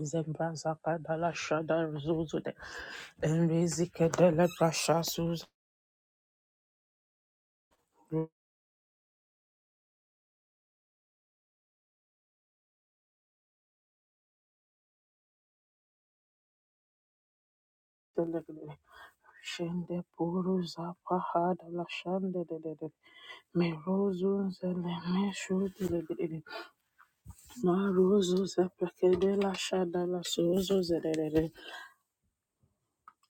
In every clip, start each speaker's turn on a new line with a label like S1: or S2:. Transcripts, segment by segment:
S1: Zembrazaka dala shada zuzude. Enrizike dele brasha suzu. dele dele Shende puru zapa hada la shande de de de. Me rozu zele me shudu de de de. Ma rozu zepeke de la shada la suzu de de de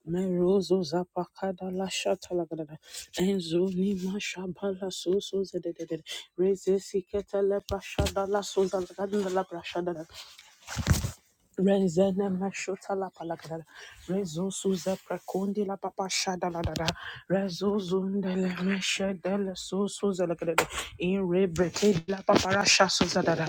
S1: Me rozu zapaka da la shata la de Enzo ni ma shaba la suzu de de de de. Reze sikete brasha da suzu la de la brasha Renzene mashota la palakada. Rezo suza prakondi la papa shada la dada. Rezo zundele meshedele suza la kada. In rebreke la papa rasha suza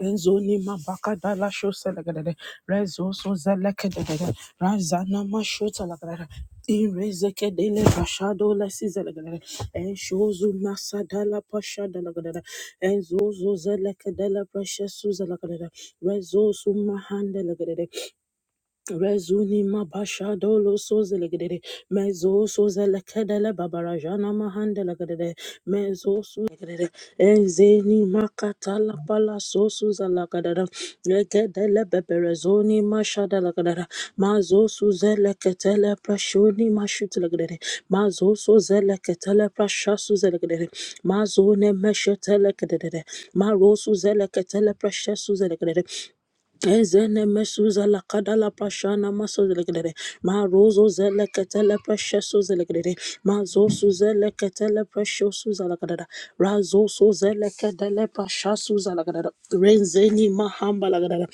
S1: Enzoni mabakada la sho selagadere. Rezo so zelekedere. Razana masho selagadere. Irezeke dele bashado la si zelagadere. Enshozu masada la pasha delagadere. Enzozo zelekedele precious su zelagadere. Rezo su mahande Rezuni mabasha mabashadolo sozelegede mezo sozelekedele babarajana mahandelegede mezo suzelegede makata la pala sosuzalakadada lekedele beberezoni mashadalegede mazo suzeleketele prashoni mashutilegede mazo sozeleketele prashasuzelegede mazo ne meshetelekedede maro suzeleketele prashasuzelegede Ezene mesuza la kada la prashana maso zelegere ma rozo zele ketele presheso zelegere ma zosu zele ketele presheso zelegere razo so zele ketele presheso zelegere renzeni mahamba lagadada.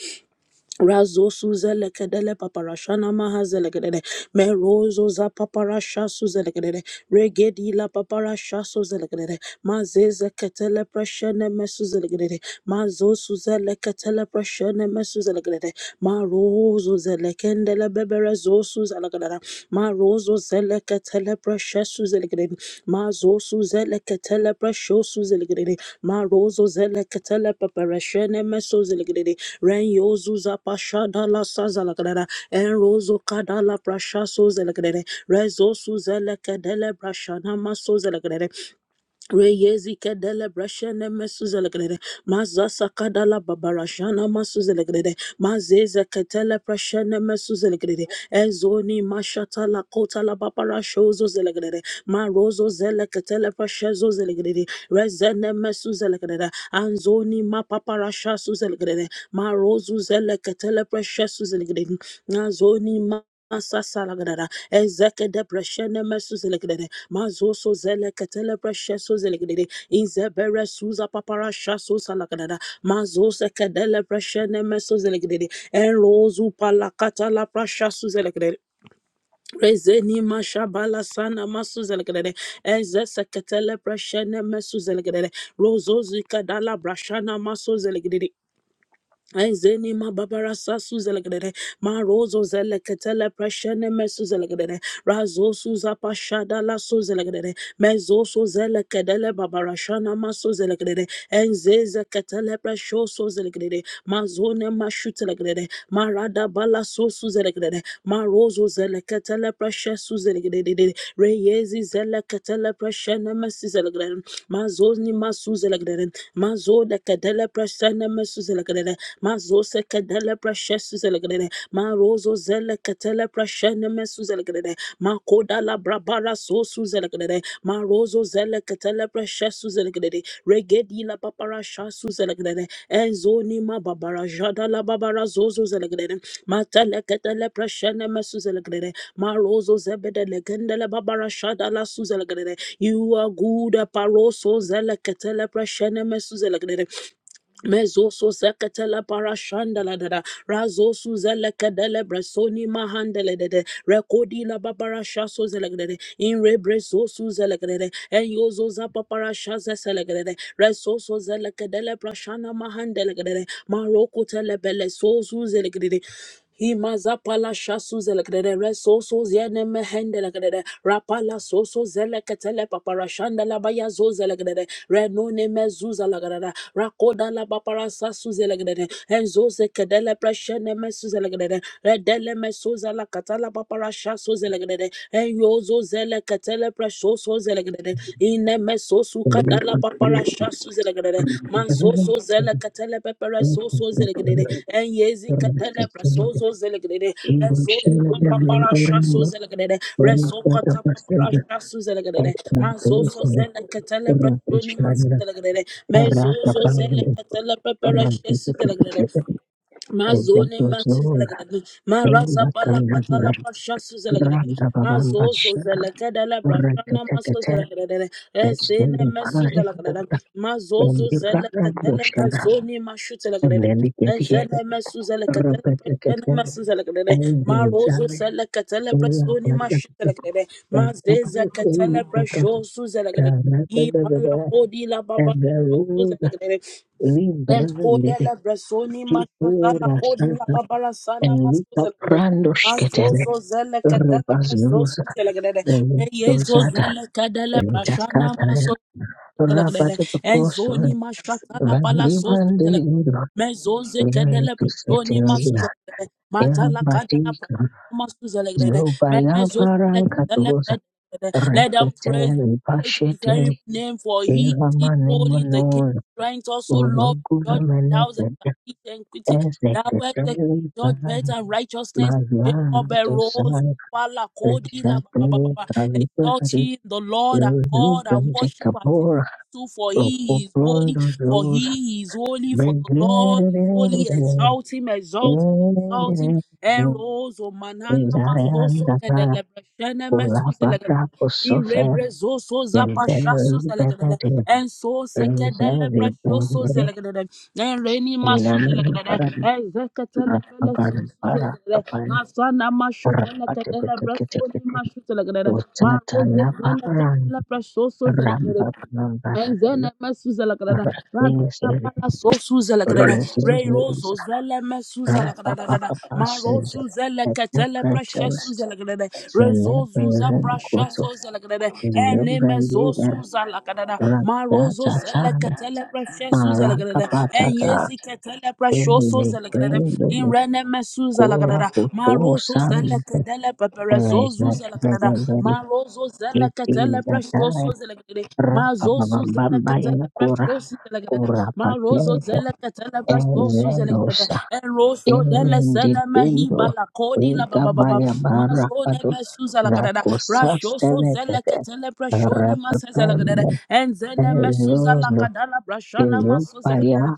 S1: Razo suzele kedele paparashana mahazele kedede. Merozo za paparasha suzele kedede. Regedi la paparasha suzele kedede. Mazeze ketele preshene mesuzele kedede. Mazo suzele ketele preshene mesuzele kedede. Marozo zele kendele bebere zo suzele kedede. Ma rozo zele ketele precious zelegrede, ma Marozo zeleke telepreshe suzelegede. Mazo ma telepresho suzelegede. Marozo zeleke telepepereshe nemeso zelegede. Renyo zuzapasha dala sazalagrada, en Enrozo kadala prasha suzelegede. Rezo su suzeleke delebrasha namaso Reyezike dele breshene mesuzelegrede. Mazasa kadala babarashana masuzelegrede. Mazeze ketele breshene mesuzelegrede. Ezoni mashata la kota la babarashozo zelegrede. Marozo zele ketele breshezo zelegrede. Rezene mesuzelegrede. Anzoni ma paparasha suzelegrede. Marozu zele ketele breshezo zelegrede. Nazoni ma Masasa lagadada, ezeke depreshene mesu Mazoso zele ketele presheso zelegede. Inzebere suza papara shaso salakadada. Mazose kedele preshene meso zelegede. Enrozu palakata la prashaso zelegede. Rezeni mashabala sana maso zelegede. Eze seketele preshene meso zelegede. Rozozi kadala brashana maso zelegede. Ezeni ma babara sasu zelegrede ma rozo zeleketele preshene mesu zelegrede razo suza pashada la so zelegrede mezo so zelekedele babara shana maso zelegrede enzeze ketele presho so zelegrede mazone mashu telegrede marada bala so su zelegrede ma rozo zeleketele preshe su zelegrede reyezi zeleketele preshene mesu zelegrede mazoni masu zelegrede mazo de kedele preshene mesu zelegrede Mazose kedele precious zelegrede. Marozo zele ketele precious nemesu zelegrene. Ma koda la brabara sosu zelegrede. Marozo zele ketele precious zelegrede. Regedi la papara shasu zelegrede. Enzoni ma babara jada la babara zozo zelegrene. Ma tele ketele precious nemesu zelegrede. Marozo zebede legende babara shada la su zelegrede. You are good, Paroso Zelekatele Prashene Mesu Mezoso seketele parashandala dada. Razosu zele kedele bresoni mahandele dede. Rekodi la babara shaso zele dede. Inre bresosu zele dede. Enyozo za papara shaze zele dede. Resoso zele kedele prashana mahandele dede. Maroko tele bele sozu zele dede. Himazapala shasu zelekere reso so zene mehende lekere rapala so so zeleketele paparashanda la baya zo zelekere renone mezuza lekere rakoda la papara sasu zelekere enzo zekedele preshene mesu zelekere redele mesuza la katala papara shasu zelekere enyo zo zeleketele presho so zelegrede ine meso suka
S2: Thank you.
S1: dala papara shasu zelegrede manso so zele katele pepere so so zelegrede enyezi katele preso so zelegrede rezo nima papara shasu zelegrede reso kata papara shasu zelegrede manso so zele katele preso nima zelegrede mezo so zele katele pepere shasu zelegrede Mazone masu zalagada, maraza pala katala pasha su zalagada, mazo so zalagada la brashana maso zalagada, esene mesu zalagada, mazo zo zalakatele personi mashu
S2: And
S1: zalagada,
S2: then we get here,
S1: ezene mesu zalakatele personi
S2: Robert,
S1: masu zalagada, marozo
S2: Endozale,
S1: zalakatele
S2: ela
S1: personi
S2: patata,
S1: mashu zalagada,
S2: patata,
S1: mazeza katele
S2: solita,
S1: presho su zalagada,
S2: pascara,
S1: i pala
S2: bebebe,
S1: kodi la baba.
S2: eberuda,
S1: And
S2: libra, nede,
S1: Kodele Bresoni Mashatala
S2: kipura,
S1: Kodi La
S2: santa,
S1: Babara Sana Maso
S2: elita,
S1: Zelegede.
S2: prando, schketele,
S1: Mazoso Zele Katele Bresos
S2: rubazuza,
S1: Zelegede. Reyezo
S2: elitozada,
S1: Zele Kadele Brashana
S2: elitakata,
S1: Maso
S2: rabate,
S1: Zelegede. And
S2: poposo,
S1: Zoni Mashatala Palasos
S2: vandivande,
S1: Zelegede.
S2: ido,
S1: Mezoze Kedele
S2: Eretu
S1: Brashoni Maso
S2: setelina,
S1: Zelegede. Matala Kadela
S2: erabatika, zobayabarankadoza,
S1: let them praise the
S2: reketeli,
S1: great and
S2: pasheteli,
S1: terrible name, for he
S2: Eva
S1: is holy, the King
S2: Manemanor,
S1: strength also love and judgment, thou establish
S2: Uruguamanete,
S1: equity, thou art the
S2: Ezekateli,
S1: judgment and righteousness.
S2: Maria,
S1: Jacob arose,
S2: Tosai,
S1: Wala Kodi, La Baba
S2: Leshate,
S1: Baba. Exalt
S2: Alibari,
S1: ye the Lord our God and
S2: Lubrandi
S1: worship at his feet
S2: Kabor,
S1: too, for he is holy,
S2: Ropoprondo
S1: for
S2: Rose,
S1: he is holy, for the Lord is holy. Exalt him, exalt him, exalt him. Eros, O manana, masoso,
S2: Ezarianda,
S1: kedelebreshene, mesuselegadele.
S2: Kulabara,
S1: In
S2: Kosofe,
S1: rebrezo so zapa shasu
S2: Bebeli,
S1: zelegadele.
S2: Bebede,
S1: En so sekedele
S2: Reservi,
S1: preshoso zelegadele. En reni masu zelegadele.
S2: Bebede,
S1: En zeketele pele sosu
S2: Rababara Kapai
S1: Masana masho tele kedele breshoni
S2: Rapatepetekete
S1: mashu zelegadele. Ma
S2: Dosatana
S1: zele
S2: Paran
S1: kedele preshoso zelegadele.
S2: Rambabara
S1: Mengene mesuza la kadada. Rakala
S2: Rapises
S1: pala so suza la kadada. Ray
S2: Rinses
S1: Roso zele mesuza la kadada.
S2: Rapapapa
S1: Maro
S2: says
S1: suza la
S2: at the
S1: katele precious
S2: pretence
S1: suza la kadada.
S2: in
S1: Rezo
S2: every
S1: zuza precious
S2: Rambukoto
S1: suza la kadada.
S2: in
S1: Ene
S2: every
S1: mezo
S2: year
S1: suza la kadada. Marozo zele
S2: Rakatata
S1: katele precious suza la kadada.
S2: Marakapatata
S1: Enyezi katele
S2: in
S1: precious
S2: the
S1: suza la kadada.
S2: brand of the
S1: Irene mesuza la
S2: Kura
S1: kadada.
S2: Puto
S1: Marozo
S2: Sari.
S1: zele zedele pepere
S2: There is
S1: zozu
S2: not very,
S1: zelekadada
S2: very
S1: marozo
S2: it
S1: zelekatele
S2: is a
S1: prestoso
S2: die
S1: zelekadede mazosu zelekatele
S2: Rabababababaya kura
S1: prestoso zelekadede
S2: kura
S1: marozo
S2: patezo
S1: zelekatele prestoso zelekadede
S2: elendosa
S1: enrosho dele sene mehi
S2: erendibindo
S1: balakodi la babababa
S2: rigabaya
S1: mazone
S2: barabado
S1: mesu zelekadada rashoso
S2: rakosastenetete
S1: zelekatele preshoni mase zelekadede
S2: repepeme
S1: enzene mesu
S2: elozo
S1: zelekadala prashana maso
S2: elopaya
S1: zelekadede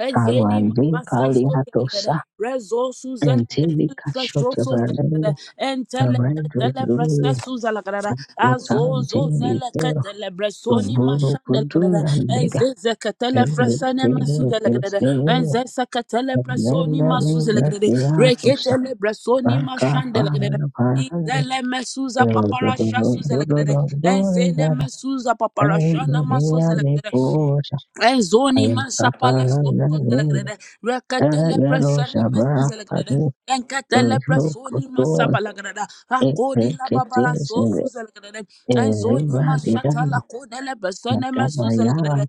S1: Ezeni mabasaso zelere,
S2: paliatosa
S1: rezosu zeleketele
S2: entilika
S1: preshoso zelere,
S2: shotevelelo
S1: enteleketele
S2: erendozo
S1: presesu zelegrere, azozo
S2: akotantendikero
S1: zeleketele bresoni
S2: uburu
S1: mashandelegre,
S2: kudurandega
S1: enzezeketele
S2: Everybody,
S1: fresene masu zelegre, enzeseketele presoni masu zelegre, reketele bresoni mashandelegre. Izele mesuza paparasha suzelegre, enzene mesuza paparasha namaso zelekere, Ezoni masapala soso zelegrede. Reketele presene mesu zelegrede. Enketele presoni masapala grede. Akodi la babala soso zelegrede. Ezoni mashatala kodele presene mesu zelegrede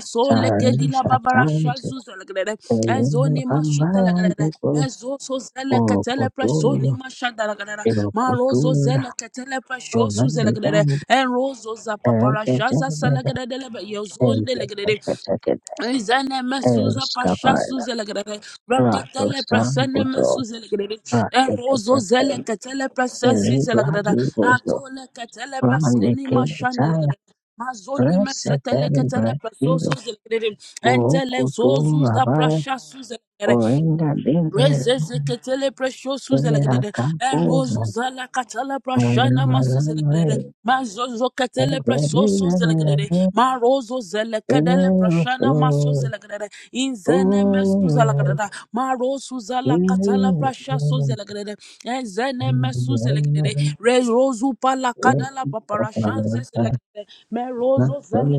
S1: so lekedi la
S2: Sarisa
S1: babara
S2: tanti,
S1: shazuza lagrede ezo
S2: elimu
S1: ni mashuta lagrede
S2: kambaya
S1: ezo so zele ketele preso ni
S2: Okotura,
S1: mashada lagrede marozo
S2: Okotura,
S1: zele ketele preso suze lagrede
S2: Omandidan,
S1: en rozo za papara shaza
S2: Ergetended,
S1: salagrede lebe yozo
S2: Ergeteket,
S1: Zene mesuza pasha
S2: Erskavara,
S1: suze legrebe. Rakatele
S2: Ratostan
S1: presene
S2: Butro,
S1: mesuze legrebe. Erozo zele
S2: Raketeket,
S1: katele presesi zelegrebe.
S2: Elibradu Bozo,
S1: Atole katele presoni mashande
S2: Randikinitaya,
S1: legrebe. Mazone mesetele
S2: Reseteri
S1: katele presoso
S2: Brakido,
S1: zelegrebe. Entele
S2: Okotura
S1: zozuza
S2: Baya,
S1: prasha suze legrebe.
S2: Orinda Dinde,
S1: Rezezeketele presho suzelegede. Enrozu
S2: Eakapuna,
S1: zala katala prashana masuzelegede.
S2: Alamalama,
S1: Mazozo ketele presho suzelegede.
S2: Ergetended,
S1: Marozo zelekadele prashana
S2: Eroso,
S1: masuzelegede. Inzene mesuzelegede. Marozu zala katala prasha suzelegede. Enzene mesuzelegede. Rezozu pala kadala paparashanze zelegede. Merozo zele.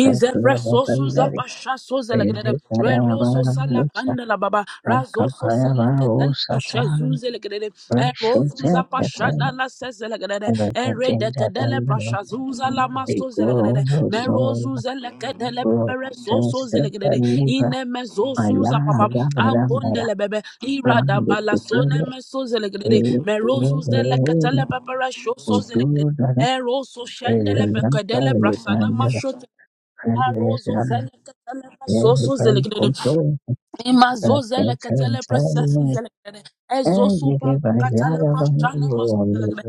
S1: In the presosu zapasha soza la greda. Re rozo sala kanda la baba. Razo so sala ketala pasha
S2: Thank
S1: zuze la greda. E rozo zapasha da la sese la greda. E re de kedele pasha zuza la maso la greda. Me rozo zele kedele bebere soso la greda. Ine me zosu zapapa. Ankonde le bebe. irada da bala sone me so ze la greda. Me rozo zele ketele bebere shoso ze la greda.
S2: Kudurara
S1: Eroso shendele
S2: kwezvakanaka
S1: bekedele brasana
S2: zvakanyanya
S1: mashote. Arozo
S2: zvinosanganisira
S1: zelekele basoso zelegele.
S2: guchu,
S1: Imazo zele ketele presesi
S2: rakatsatsana
S1: zele kere. Ezo supal katele
S2: nezvimhanzara
S1: prashane masu zele kere.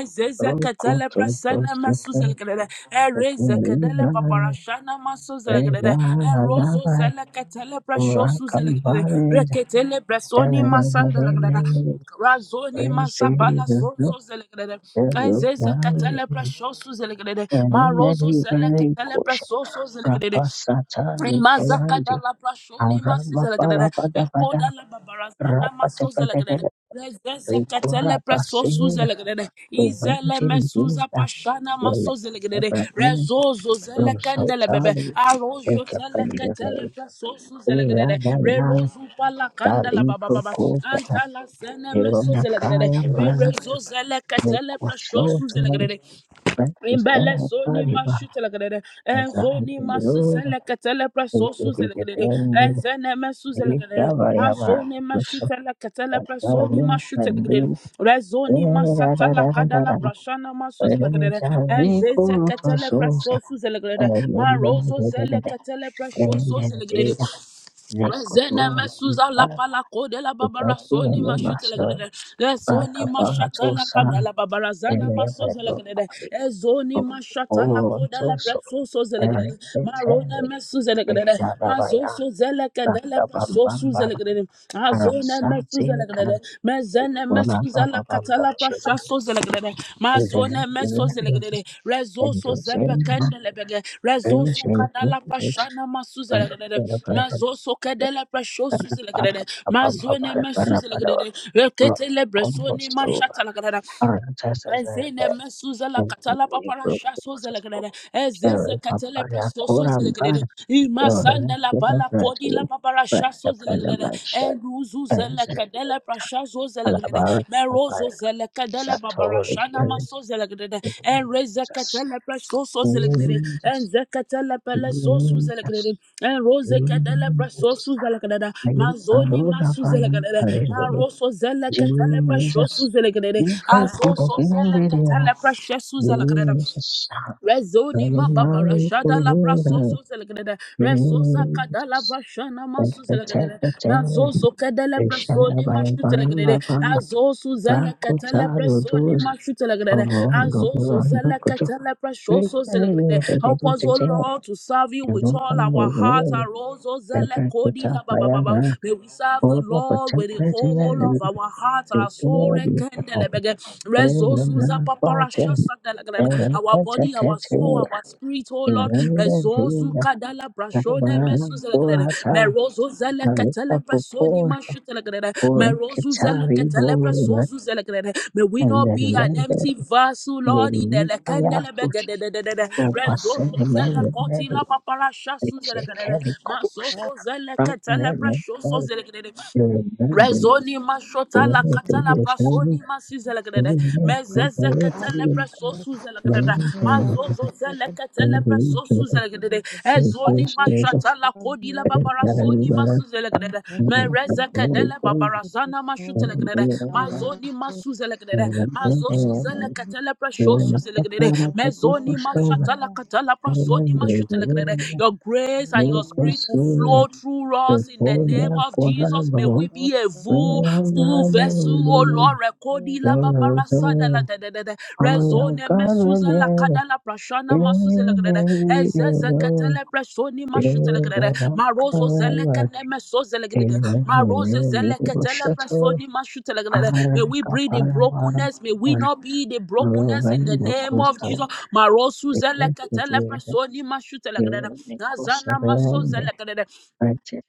S1: Ezeze ketele presene masu
S2: vanogutsudzosvika
S1: zele kere. Ereze kedele
S2: kukwirira
S1: paparashane masu zele kere. Enrozo
S2: zvezvakanaka
S1: zele ketele preshosu zele kere.
S2: rakambare
S1: Reketele presoni masandele kere.
S2: zvinokurudzirwa
S1: Razoni masabala sonzo zelegrede. Enzeze katele preshosu zelegrede. Marozo zele katele
S2: kuti
S1: presoso zelegrede.
S2: rapasata
S1: Mazaka da
S2: nepurandi.
S1: la brashoni masizelagade. Eko da
S2: Arabababababada,
S1: la babarazana masozelagade.
S2: rapatapatapata,
S1: Rezezekatele preso
S2: rekorabasenya,
S1: suzelagade. Izele mesuza
S2: uvenjinjinja,
S1: pashana masozelagade.
S2: lelepepenisha,
S1: Rezozo zele kendele bebe.
S2: rosotali,
S1: Arojo zele ketele
S2: rekependele,
S1: preso suzelagade.
S2: iradaya,
S1: Rerozu pala kandela baba baba.
S2: daliprokope,
S1: Antala zene mesozelagade.
S2: ironakaya mbara,
S1: Rerezo zele ketele preso
S2: rekosotoe,
S1: suzelagade. Imbele zoni
S2: rekosrenapariba,
S1: mashu telekadede. Enzoni masu
S2: azamdengroza,
S1: seleke telepre sosu zelekadede.
S2: rekebijepende,
S1: Enzene mesu zelekadede.
S2: rekavayaba,
S1: Mazoni mashu teleke telepre soni
S2: rosotali,
S1: mashu telekadede.
S2: pendule,
S1: Rezoni masata la kadala prashana masu
S2: Thank
S1: zelekadede. Enzeze
S2: you.
S1: ketele pre sosu zelekadede. Marozo zeleke telepre shoso zelekadede. Rezene mesuza la pala kode la babara soni mashute la gede de soni mashata la kada la babara zana masoze la gede de e zoni mashata la kode la preso soze la gede de marone mesuze la gede de mazoso zele kede la preso suze la gede de azone zelegrede mezene mesu zela katala prasha so zelegrede mazone meso zelegrede rezo so zepe kendele bege rezo so kadala prasha na masu zelegrede mazo so kedele prasho
S2: And
S1: su
S2: the part
S1: zelegrede
S2: of the
S1: mazone
S2: body
S1: mesu
S2: that
S1: zelegrede
S2: we are
S1: rekete lebresoni
S2: most comfortable with
S1: mashata lagrede
S2: are the chest area,
S1: Ezene
S2: the
S1: mesuzela
S2: neck,
S1: katala
S2: the
S1: papara
S2: shoulders,
S1: shaso zelegrede. Ezeze
S2: the upper
S1: katele
S2: back area.
S1: presto so
S2: But
S1: zelegrede. Ima sanda la
S2: the part that is the most
S1: bala kodi
S2: fragile, the
S1: la papara shaso
S2: most
S1: zelegrede.
S2: vulnerable,
S1: Enuzu
S2: is
S1: zele
S2: the
S1: kadele prashazo
S2: lower
S1: zelegrede. Merozo zele kadele babara shana maso zelegedede en rezekatele presoso zelegedede en zekatele pele sosu zelegedede en rozekedele presosu zelegedede
S2: back, the
S1: mazoni
S2: lower
S1: masu
S2: back
S1: zelegedede
S2: area.
S1: maroso zelekatele
S2: Jesus,
S1: presosu zelegedede
S2: we pray with the
S1: azoso
S2: name
S1: zelekatele
S2: of
S1: presosu zelegedede
S2: Jesus, the
S1: Rezoni ma babara
S2: Malik
S1: jada la braso
S2: Kuruna,
S1: so selekede resoza kada la
S2: Jesus,
S1: brashana
S2: the
S1: masu selekede na
S2: Katakata,
S1: zoso kede le
S2: the
S1: presoni
S2: Shadabaya
S1: mashu selekede
S2: Bamba Bamba,
S1: azosu zele kete le
S2: Rakuta,
S1: presoni
S2: Rudus,
S1: mashu selekede
S2: Robondo,
S1: azozo
S2: Rondo,
S1: zele
S2: Kutu,
S1: kete le
S2: we
S1: presoso
S2: pray
S1: selekede
S2: with
S1: help us O
S2: the
S1: Lord to serve you with
S2: Yoruba
S1: all our heart
S2: Mulu,
S1: arozo
S2: the
S1: zele kodi
S2: Rakuta,
S1: la baba baba
S2: Bayana,
S1: may we serve the
S2: Kurva,
S1: Lord
S2: Patak,
S1: with the
S2: Retina,
S1: whole of our heart
S2: the
S1: our soul
S2: Glory,
S1: rekende Resources our
S2: the Prayer, Thank you. Post
S1: body, our soul, our spirit, oh Lord. Resources kadala brashone mesus Merozo zele ketele prasoni mashutelagre. Merozo zele ketele prasozu zelegrede. May we not be an empty vessel, Lord. In the lekendele begedededede.
S3: Thank
S1: Rezoso zele kotila papara shasu zelegrede. Mazoso zele ketele prasoso zelegrede. Rezoni mashota la katala prasoni masizela grede mezeze katele preso suzela grede mazozo zele katele preso suzela grede ezoni
S2: things
S1: mashata la kodi la babara
S2: that
S1: zoni
S2: are
S1: masuzela grede mereze kedele
S2: even
S1: babara zana
S2: Shut up.
S1: mashutela grede mazoni masuzela grede mazozo zele katele preso suzela grede mezoni mashata la katala prasoni mashutela grede your grace and your spirit will flow through us in the name name of Jesus, may we be a full, full vessel, oh Lord. Rekodi
S3: you.
S1: la babara sada la da da da da. Rezone mesuza la kada la prashana masuze la da da. Ezezekete le presoni mashute la da da. Marozo zeleke ne mesoze la da da. Marozo zelekete le presoni mashute la
S2: I
S1: da da. May we breathe in
S2: am
S1: brokenness. May we not be the brokenness in the name of
S2: a
S1: Jesus. Marosu zelekete le presoni mashute la da da. Nazana masoza la da da.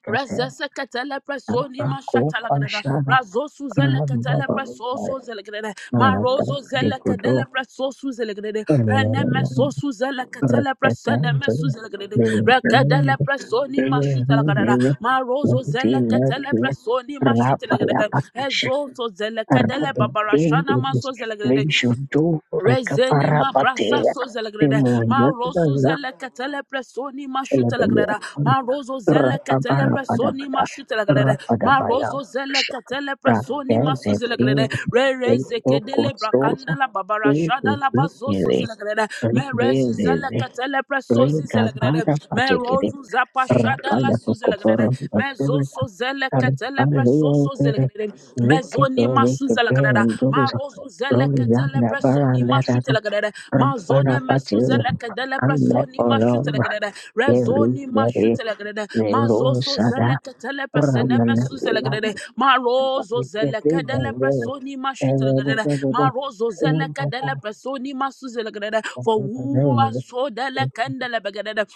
S1: Razesa katele preso ni mashata la gadada. Razosu zele katele preso so zele gadada. Marozo zele kadele preso su zele gadada. Eneme so su zele preso eneme su zele Rekadele preso ni mashuta la gadada. Marozo zele katele preso ni mashuta la gadada. Ezo so zele kadele babarashana maso zele gadada.
S2: Ratio do
S1: Rezeni ma brasa so
S2: rekaparapatea,
S1: zelegrede, ma rosu zele ketele presoni ma
S2: Elebelia,
S1: shutelegrede, ma rozo zele ketele presoni ma
S2: Rapabarabadabada,
S1: shutelegrede, ma
S2: Rapadabaya,
S1: rozo zele ketele presoni ma
S2: Shaprakedevi,
S1: suzelegrede, re re
S2: Rito
S1: zekedele brakanda
S2: Kostosa,
S1: la babara
S2: Rito
S1: jada la bazo so
S2: Bikiri,
S1: zelegrede, me rezi zele
S2: Rindizizi,
S1: ketele presozi zelegrede,
S2: Rigabada
S1: me
S2: Patikiri,
S1: rozu zapa shada la
S2: Rapada
S1: suzelegrede,
S2: Sokoporo,
S1: me
S2: Bakuri,
S1: zoso zele ketele soso
S2: Rapalikiri,
S1: zelegrede mezoni
S2: Vikito
S1: masu zelegrede ma
S2: Vikipirinduza,
S1: rozo zeleketele
S2: Rolanda
S1: presoni
S2: Baranda,
S1: masu telegrede ma zone
S2: Rapada
S1: mesu
S2: Patil,
S1: zelekedele
S2: and
S1: presoni masu
S2: Leporo,
S1: telegrede rezoni masu
S2: everybody.
S1: telegrede ma zoso
S2: Nerosada
S1: zeleketele presene mesu zelegrede ma rozo zelekedele presoni masu telegrede ma rozo zeleketele presoni masu zelegrede for who has so delecendele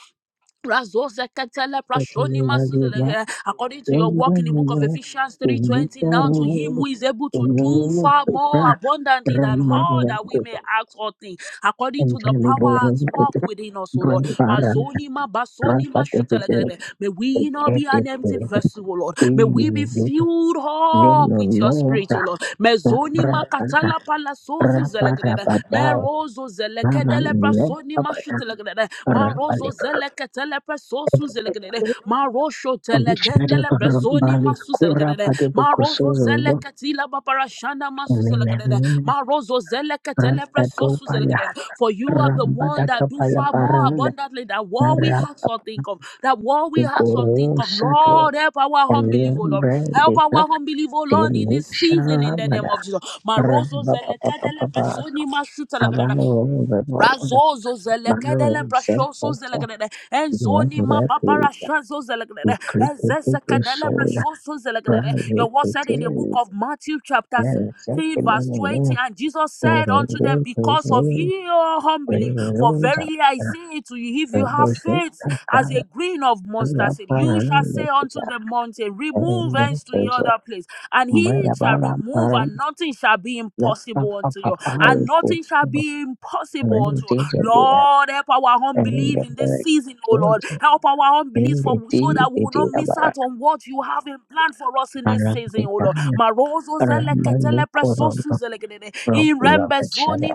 S1: Razozeketele prashoni masuzele- eh, According to your work in the book of Ephesians 3:20, now to him who is able to do far more abundantly than all that we may ask or think, according to the power at work within us, O Lord. Mazoni ma
S2: Ramana
S1: basoni ma shitelegede. May we not be an empty vessel, O Lord. May we be filled up with your spirit, O Lord. Mezoni ma katala palasozu zelegede.
S2: Rapa
S1: Merozo
S2: Raman
S1: zelekedele
S2: led
S1: prasoni ma
S2: Abaya
S1: Marozo
S2: Rabalik.
S1: zeleketele presosu zelekete. Marosho telegendele brezoni
S2: Balik
S1: masu
S2: Kura
S1: zelekete. Marozo
S2: Padibukusuzo
S1: zeleketila babarashana masu
S2: and
S1: zelekete. Marozo zeleketele presosu
S2: Ratatopala
S1: zelekete. For you are the one that do
S2: Rambadakapala
S1: far more
S2: Parada
S1: abundantly than what we ask or think of. That what we ask or think
S2: Rapapiguru
S1: of.
S2: Sake
S1: Lord, help our
S2: and
S1: unbelief,
S2: Lil
S1: O Lord. Help
S2: Brandika
S1: our unbelief, O Lord, in this season in the name
S2: Tilushamada
S1: of Jesus. Marozo
S2: Ramba
S1: zeleketele
S2: Papa
S1: presoni masu zelekete.
S2: Avano the Road
S1: Razozo
S2: Bano
S1: zelekadele
S2: Self
S1: prashoso zelegede enzoni ma
S2: Never
S1: babara shazo zelegede
S2: Created to
S1: ezezekadele
S2: soul,
S1: prashoso zelegede. Your word said in the book
S2: private,
S1: of Matthew chapter
S2: and accepted
S1: 13
S2: them
S1: verse
S2: and
S1: 20
S2: enough
S1: and Jesus
S2: for
S1: said
S2: the
S1: unto them
S2: workers
S1: because of
S2: in
S1: your unbelief for
S2: prisons
S1: verily I say to you if you
S2: after
S1: have
S2: Bush's
S1: faith as
S2: Kakala
S1: a grain of mustard seed you shall
S2: Parananda
S1: say unto
S2: Kuja
S1: the mountain remove
S2: and
S1: hence to the
S2: Nurses of
S1: other place and he shall
S2: Mayabala
S1: remove
S2: Param
S1: and nothing shall be
S2: the
S1: impossible
S2: Papa
S1: unto you, and
S2: Papari
S1: nothing shall
S2: Kusu
S1: be impossible
S2: and
S1: unto you.
S2: Dijibia
S1: Lord, help our
S2: and
S1: unbelief in this
S2: the
S1: season, oh Lord.
S2: Kilter
S1: Help our unbelief
S2: in
S1: for
S2: the
S1: so that we will not miss
S2: Dijabara
S1: out on what you have in plan for us in this season, oh Lord.
S2: Arabitana
S1: Marozo
S2: Ramani
S1: zeleketele
S2: Corona
S1: presosu zelekedede. In
S2: Propio
S1: rembezoni
S2: Shada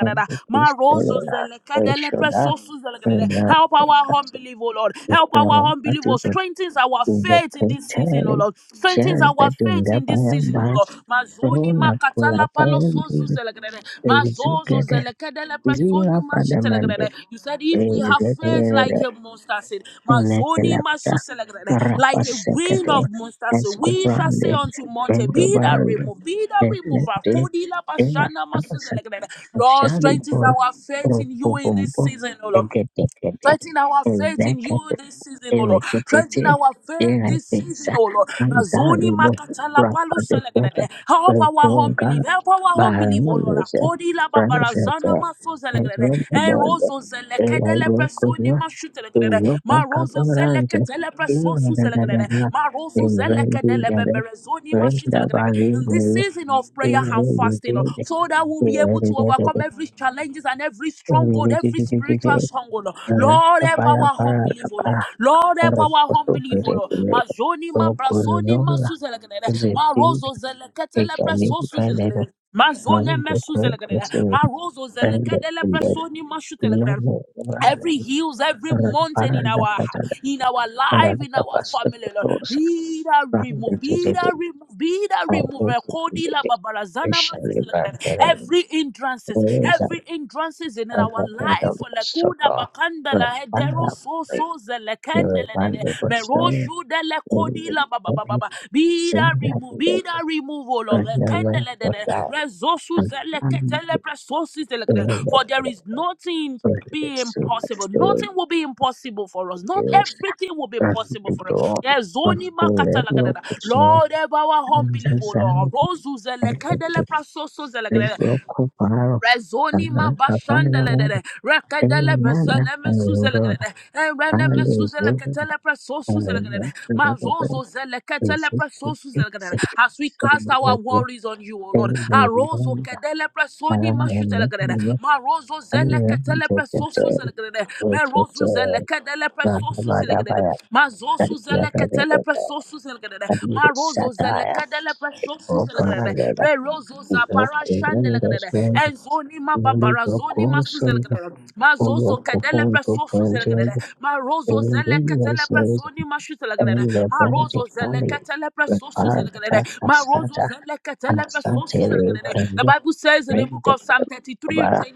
S2: and Shadow, and the
S1: Marozo
S2: Christella
S1: zelekadele
S2: Shoda
S1: presosu zelekedede. Help our
S2: Ryan,
S1: unbelief, oh Lord.
S2: The
S1: Help
S2: quarrel
S1: our unbelief, oh
S2: attributed
S1: strengthens our
S2: to
S1: our
S2: the
S1: faith in this season, oh
S2: Petali
S1: Lord. Strengthen
S2: shared the
S1: our faith in this season, oh
S2: Dingabaya
S1: Lord. Mazoni
S2: Barona
S1: makatala palo
S2: Kuyapaya
S1: sozu zelegrede. Mazozo
S2: Zugede
S1: zelekedele presoni
S2: Zira Padamanda
S1: mashitelegrede. You said if we have faith like a monster seed, mazoni masu
S2: Inekelapta
S1: zelegrede, like a wind
S2: Rapaseketo
S1: of monster seed, we shall say
S2: Escobrande
S1: unto mountain, be that
S2: Bendobaru
S1: removed, be that removed.
S2: Detleti
S1: Kodila
S2: Ela
S1: pashana masu
S2: Padasan
S1: zelegrede. Lord, strengthen
S2: Shalibur
S1: our faith in you in this
S2: Robobombo
S1: season, oh Lord.
S2: Egedekede
S1: Strengthen our faith in you this season, O Lord. Strengthen
S2: ereketete
S1: our faith this season,
S2: erekesa
S1: O Lord. Azoni
S2: andarimo
S1: makatala palu
S2: rakadeketa
S1: selegrede. Help our home
S2: redonga
S1: belief. Help our home belief, O Lord.
S2: baranese
S1: Akodi la
S2: pranasete
S1: babarazana maso selegrede. En
S2: ezremebele
S1: rozo zelekede le presoni
S2: elairokuzwa
S1: mashute legrede. Ma rozo
S2: eyopakabaranje
S1: zelekete le preso su selegrede.
S2: iyoradadada
S1: Ma rozo zelekede le
S2: evrendijade
S1: beberezoni this
S2: rendabarimoyo
S1: season of prayer and fasting, oh,
S2: erejetede
S1: so that we'll be able to
S2: erededede
S1: overcome every challenges and every stronghold, every
S2: erejejejeje
S1: spiritual stronghold. oh. Lord, help our unbelief, oh Lord.
S2: rapayaparapara
S1: Lord, help our unbelief, oh Lord.
S2: orokosopirepile
S1: Mazoni, ma brasoni, ma suzelekele, ma
S2: Zipin
S1: rozo
S2: is
S1: zeleketele
S2: a new
S1: preso
S2: brand of
S1: suzelekele. Mazone
S2: money
S1: me suzelekele,
S2: that's
S1: ma rozo
S2: and
S1: zelekele
S2: in the
S1: presoni ma shutelekele
S2: normal
S1: every hills, every
S2: the
S1: mountain in our in our life, in our
S2: past
S1: family, Lord.
S2: those
S1: Be that
S2: from the
S1: removed, be
S2: city
S1: that removed, be that
S2: are
S1: removed.
S2: also
S1: Rekodi la babarazana
S2: especially
S1: masuzi la
S2: bad
S1: kadada. Every hindrances,
S2: is an
S1: every hindrances in our life. oh,
S2: abandoned
S1: Lekuda
S2: soto
S1: bakanda
S2: and
S1: la hedero so so zelekende
S2: here
S1: le de
S2: one
S1: de.
S2: the person
S1: Meroshu de
S2: in
S1: lekodi
S2: the
S1: be
S2: same
S1: that
S2: that
S1: remove,
S2: they
S1: be that removal. oh Lord.
S2: run away
S1: Rekendele
S2: for
S1: dede,
S2: that
S1: resources zele ketele presources zele For there
S2: and
S1: is nothing
S2: Thank
S1: be impossible. Nothing will be impossible for us. Not everything will be possible for us.
S2: you.
S1: Yes, zoni makata lagadada. Lord, ever our unbelievable Lord. Rosu zele kedele presources zele Rezoni ma bashandele de de rekadele bezene mesuzele de de erene mesuzele ketele preso suzele de de mazozo zele ketele preso suzele de de as we cast our worries on you, O Lord. Arozo kedele preso ni mashutele de de marozo zele ketele preso suzele de de merozu zele kedele preso suzele de de mazozo zele ketele zele pesosu zelegrede Ma rozo zelekadele pesosu
S2: Satara,
S1: zelegrede. Re rozo zapara shandelegrede. Enzoni ma babara zoni ma suzelegrede. Ma zozo kedele pesosu zelegrede. Ma rozo zelekatele pesoni ma shutelegrede. Ma rozo zelekatele pesosu zelegrede. Ma rozo zelekatele pesosu zelegrede. The Bible says in the book of Psalm 33.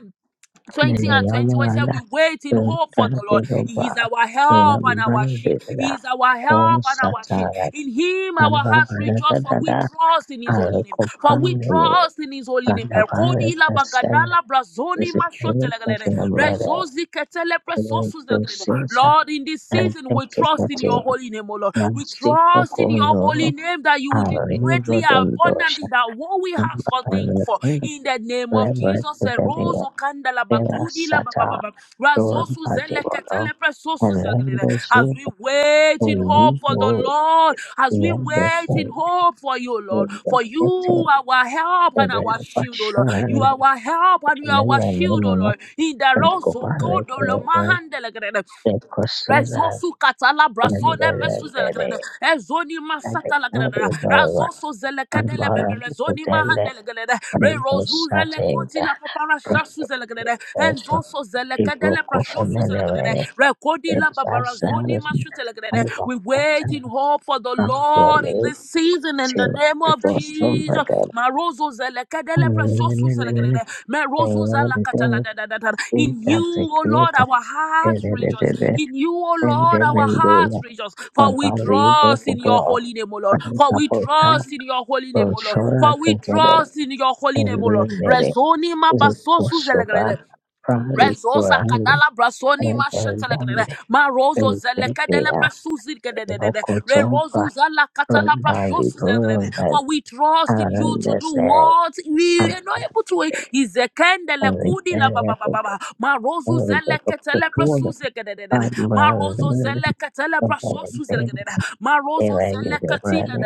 S1: 20 and 21 said, We wait in hope for the Lord. He is our help and our shield. He is our help and our shield. In Him our hearts rejoice, for we
S2: Arabara,
S1: trust in His holy name.
S2: Arako
S1: For we
S2: Pangale,
S1: trust in His holy name. Ekodi la
S2: Pandavara,
S1: bagadala brazoni
S2: This is only a
S1: mashotelegelele. Rezozi ketele
S2: very
S1: presosuzelegelele.
S2: process
S1: Lord, in this
S2: and
S1: season, we trust in
S2: technically
S1: your holy name, O Lord. We
S2: nasty
S1: trust in your holy
S2: proconzolo
S1: name that you will do
S2: are
S1: greatly
S2: usual
S1: and abundantly
S2: dosha
S1: that what we
S2: and
S1: ask or think for.
S2: leverage
S1: In the name
S2: The very
S1: of
S2: No processa
S1: Jesus, eh,
S2: antetekate namstiprokonzolo arinrodondosha ambarevetevelia
S1: Rozo Kandala Bagudi La Ba Ba
S2: perasata
S1: Ba Ba, Razosu Zele
S2: dorapadivono
S1: Ketele Presosu Zegele.
S2: alendose
S1: as we wait in hope for the
S2: olivo
S1: Lord, as we wait
S2: iandese
S1: in hope for you, Lord, for
S2: endete
S1: you are our help and our shield, O Lord.
S2: evelopashoran
S1: You are our help and you are our shield, O
S2: nevalenono
S1: Lord. In the Rozo Kodo Lo
S2: prekopaleperego
S1: Mahandele Gele.
S2: ekosozan
S1: Rezosu katala brasone mesu Ezoni masata lagrede.
S2: Adibawa
S1: Razoso zelekadele
S2: Ambara
S1: bebe rezoni
S2: Kutende
S1: mahandelegrede. Re rozu zelekoti
S2: Rindosatega
S1: la papara shasu zelegrede.
S2: Rindosho
S1: Enzoso zelekadele
S2: Ibuku
S1: prashosu zelegrede.
S2: Femenere
S1: Rekodi la babara
S2: Rizazaz
S1: zoni mashu zelegrede. We
S2: Anzapata
S1: wait in hope for the Lord in
S2: Kampere
S1: this season in the
S2: Tio
S1: name name of Jesus.
S2: Rindosumbaga
S1: In you, O Lord,
S2: Ingazikuta
S1: our hearts rejoice.
S2: Edededede
S1: In you, O Lord, our
S2: Indemendula
S1: hearts rejoice. For we
S2: Savali
S1: trust in your
S2: Bokubo
S1: holy name, O Lord. For we
S2: Rindapota
S1: trust in your holy name, O Lord.
S2: Roshora
S1: For we
S2: Kajada
S1: trust in your holy name, O Lord.
S2: Indemere
S1: Rezoni mabasosu
S2: Zikushobora
S1: zelekedede. Rezosa
S2: rikurande
S1: kadala brasoni mashetele kedede.
S2: eredende
S1: Ma rozo zele kedele
S2: ezeya
S1: presuzi kedede. Re
S2: lokochova
S1: rozu zala katala brashosu zele kedede.
S2: ranavirunda
S1: For we trust in you to do
S2: arandese
S1: what we are not able to.
S2: arandese
S1: Izekendele kudi la ba ba ba ba
S2: arikeredende
S1: ba. Ma rozu zele ketele
S2: ezekokutuda
S1: presuzi kedede. Ma rozo
S2: ambarende
S1: zele Lekatele praso suzelegedede.
S2: eredende
S1: Marozo zelekatile
S2: evagidevane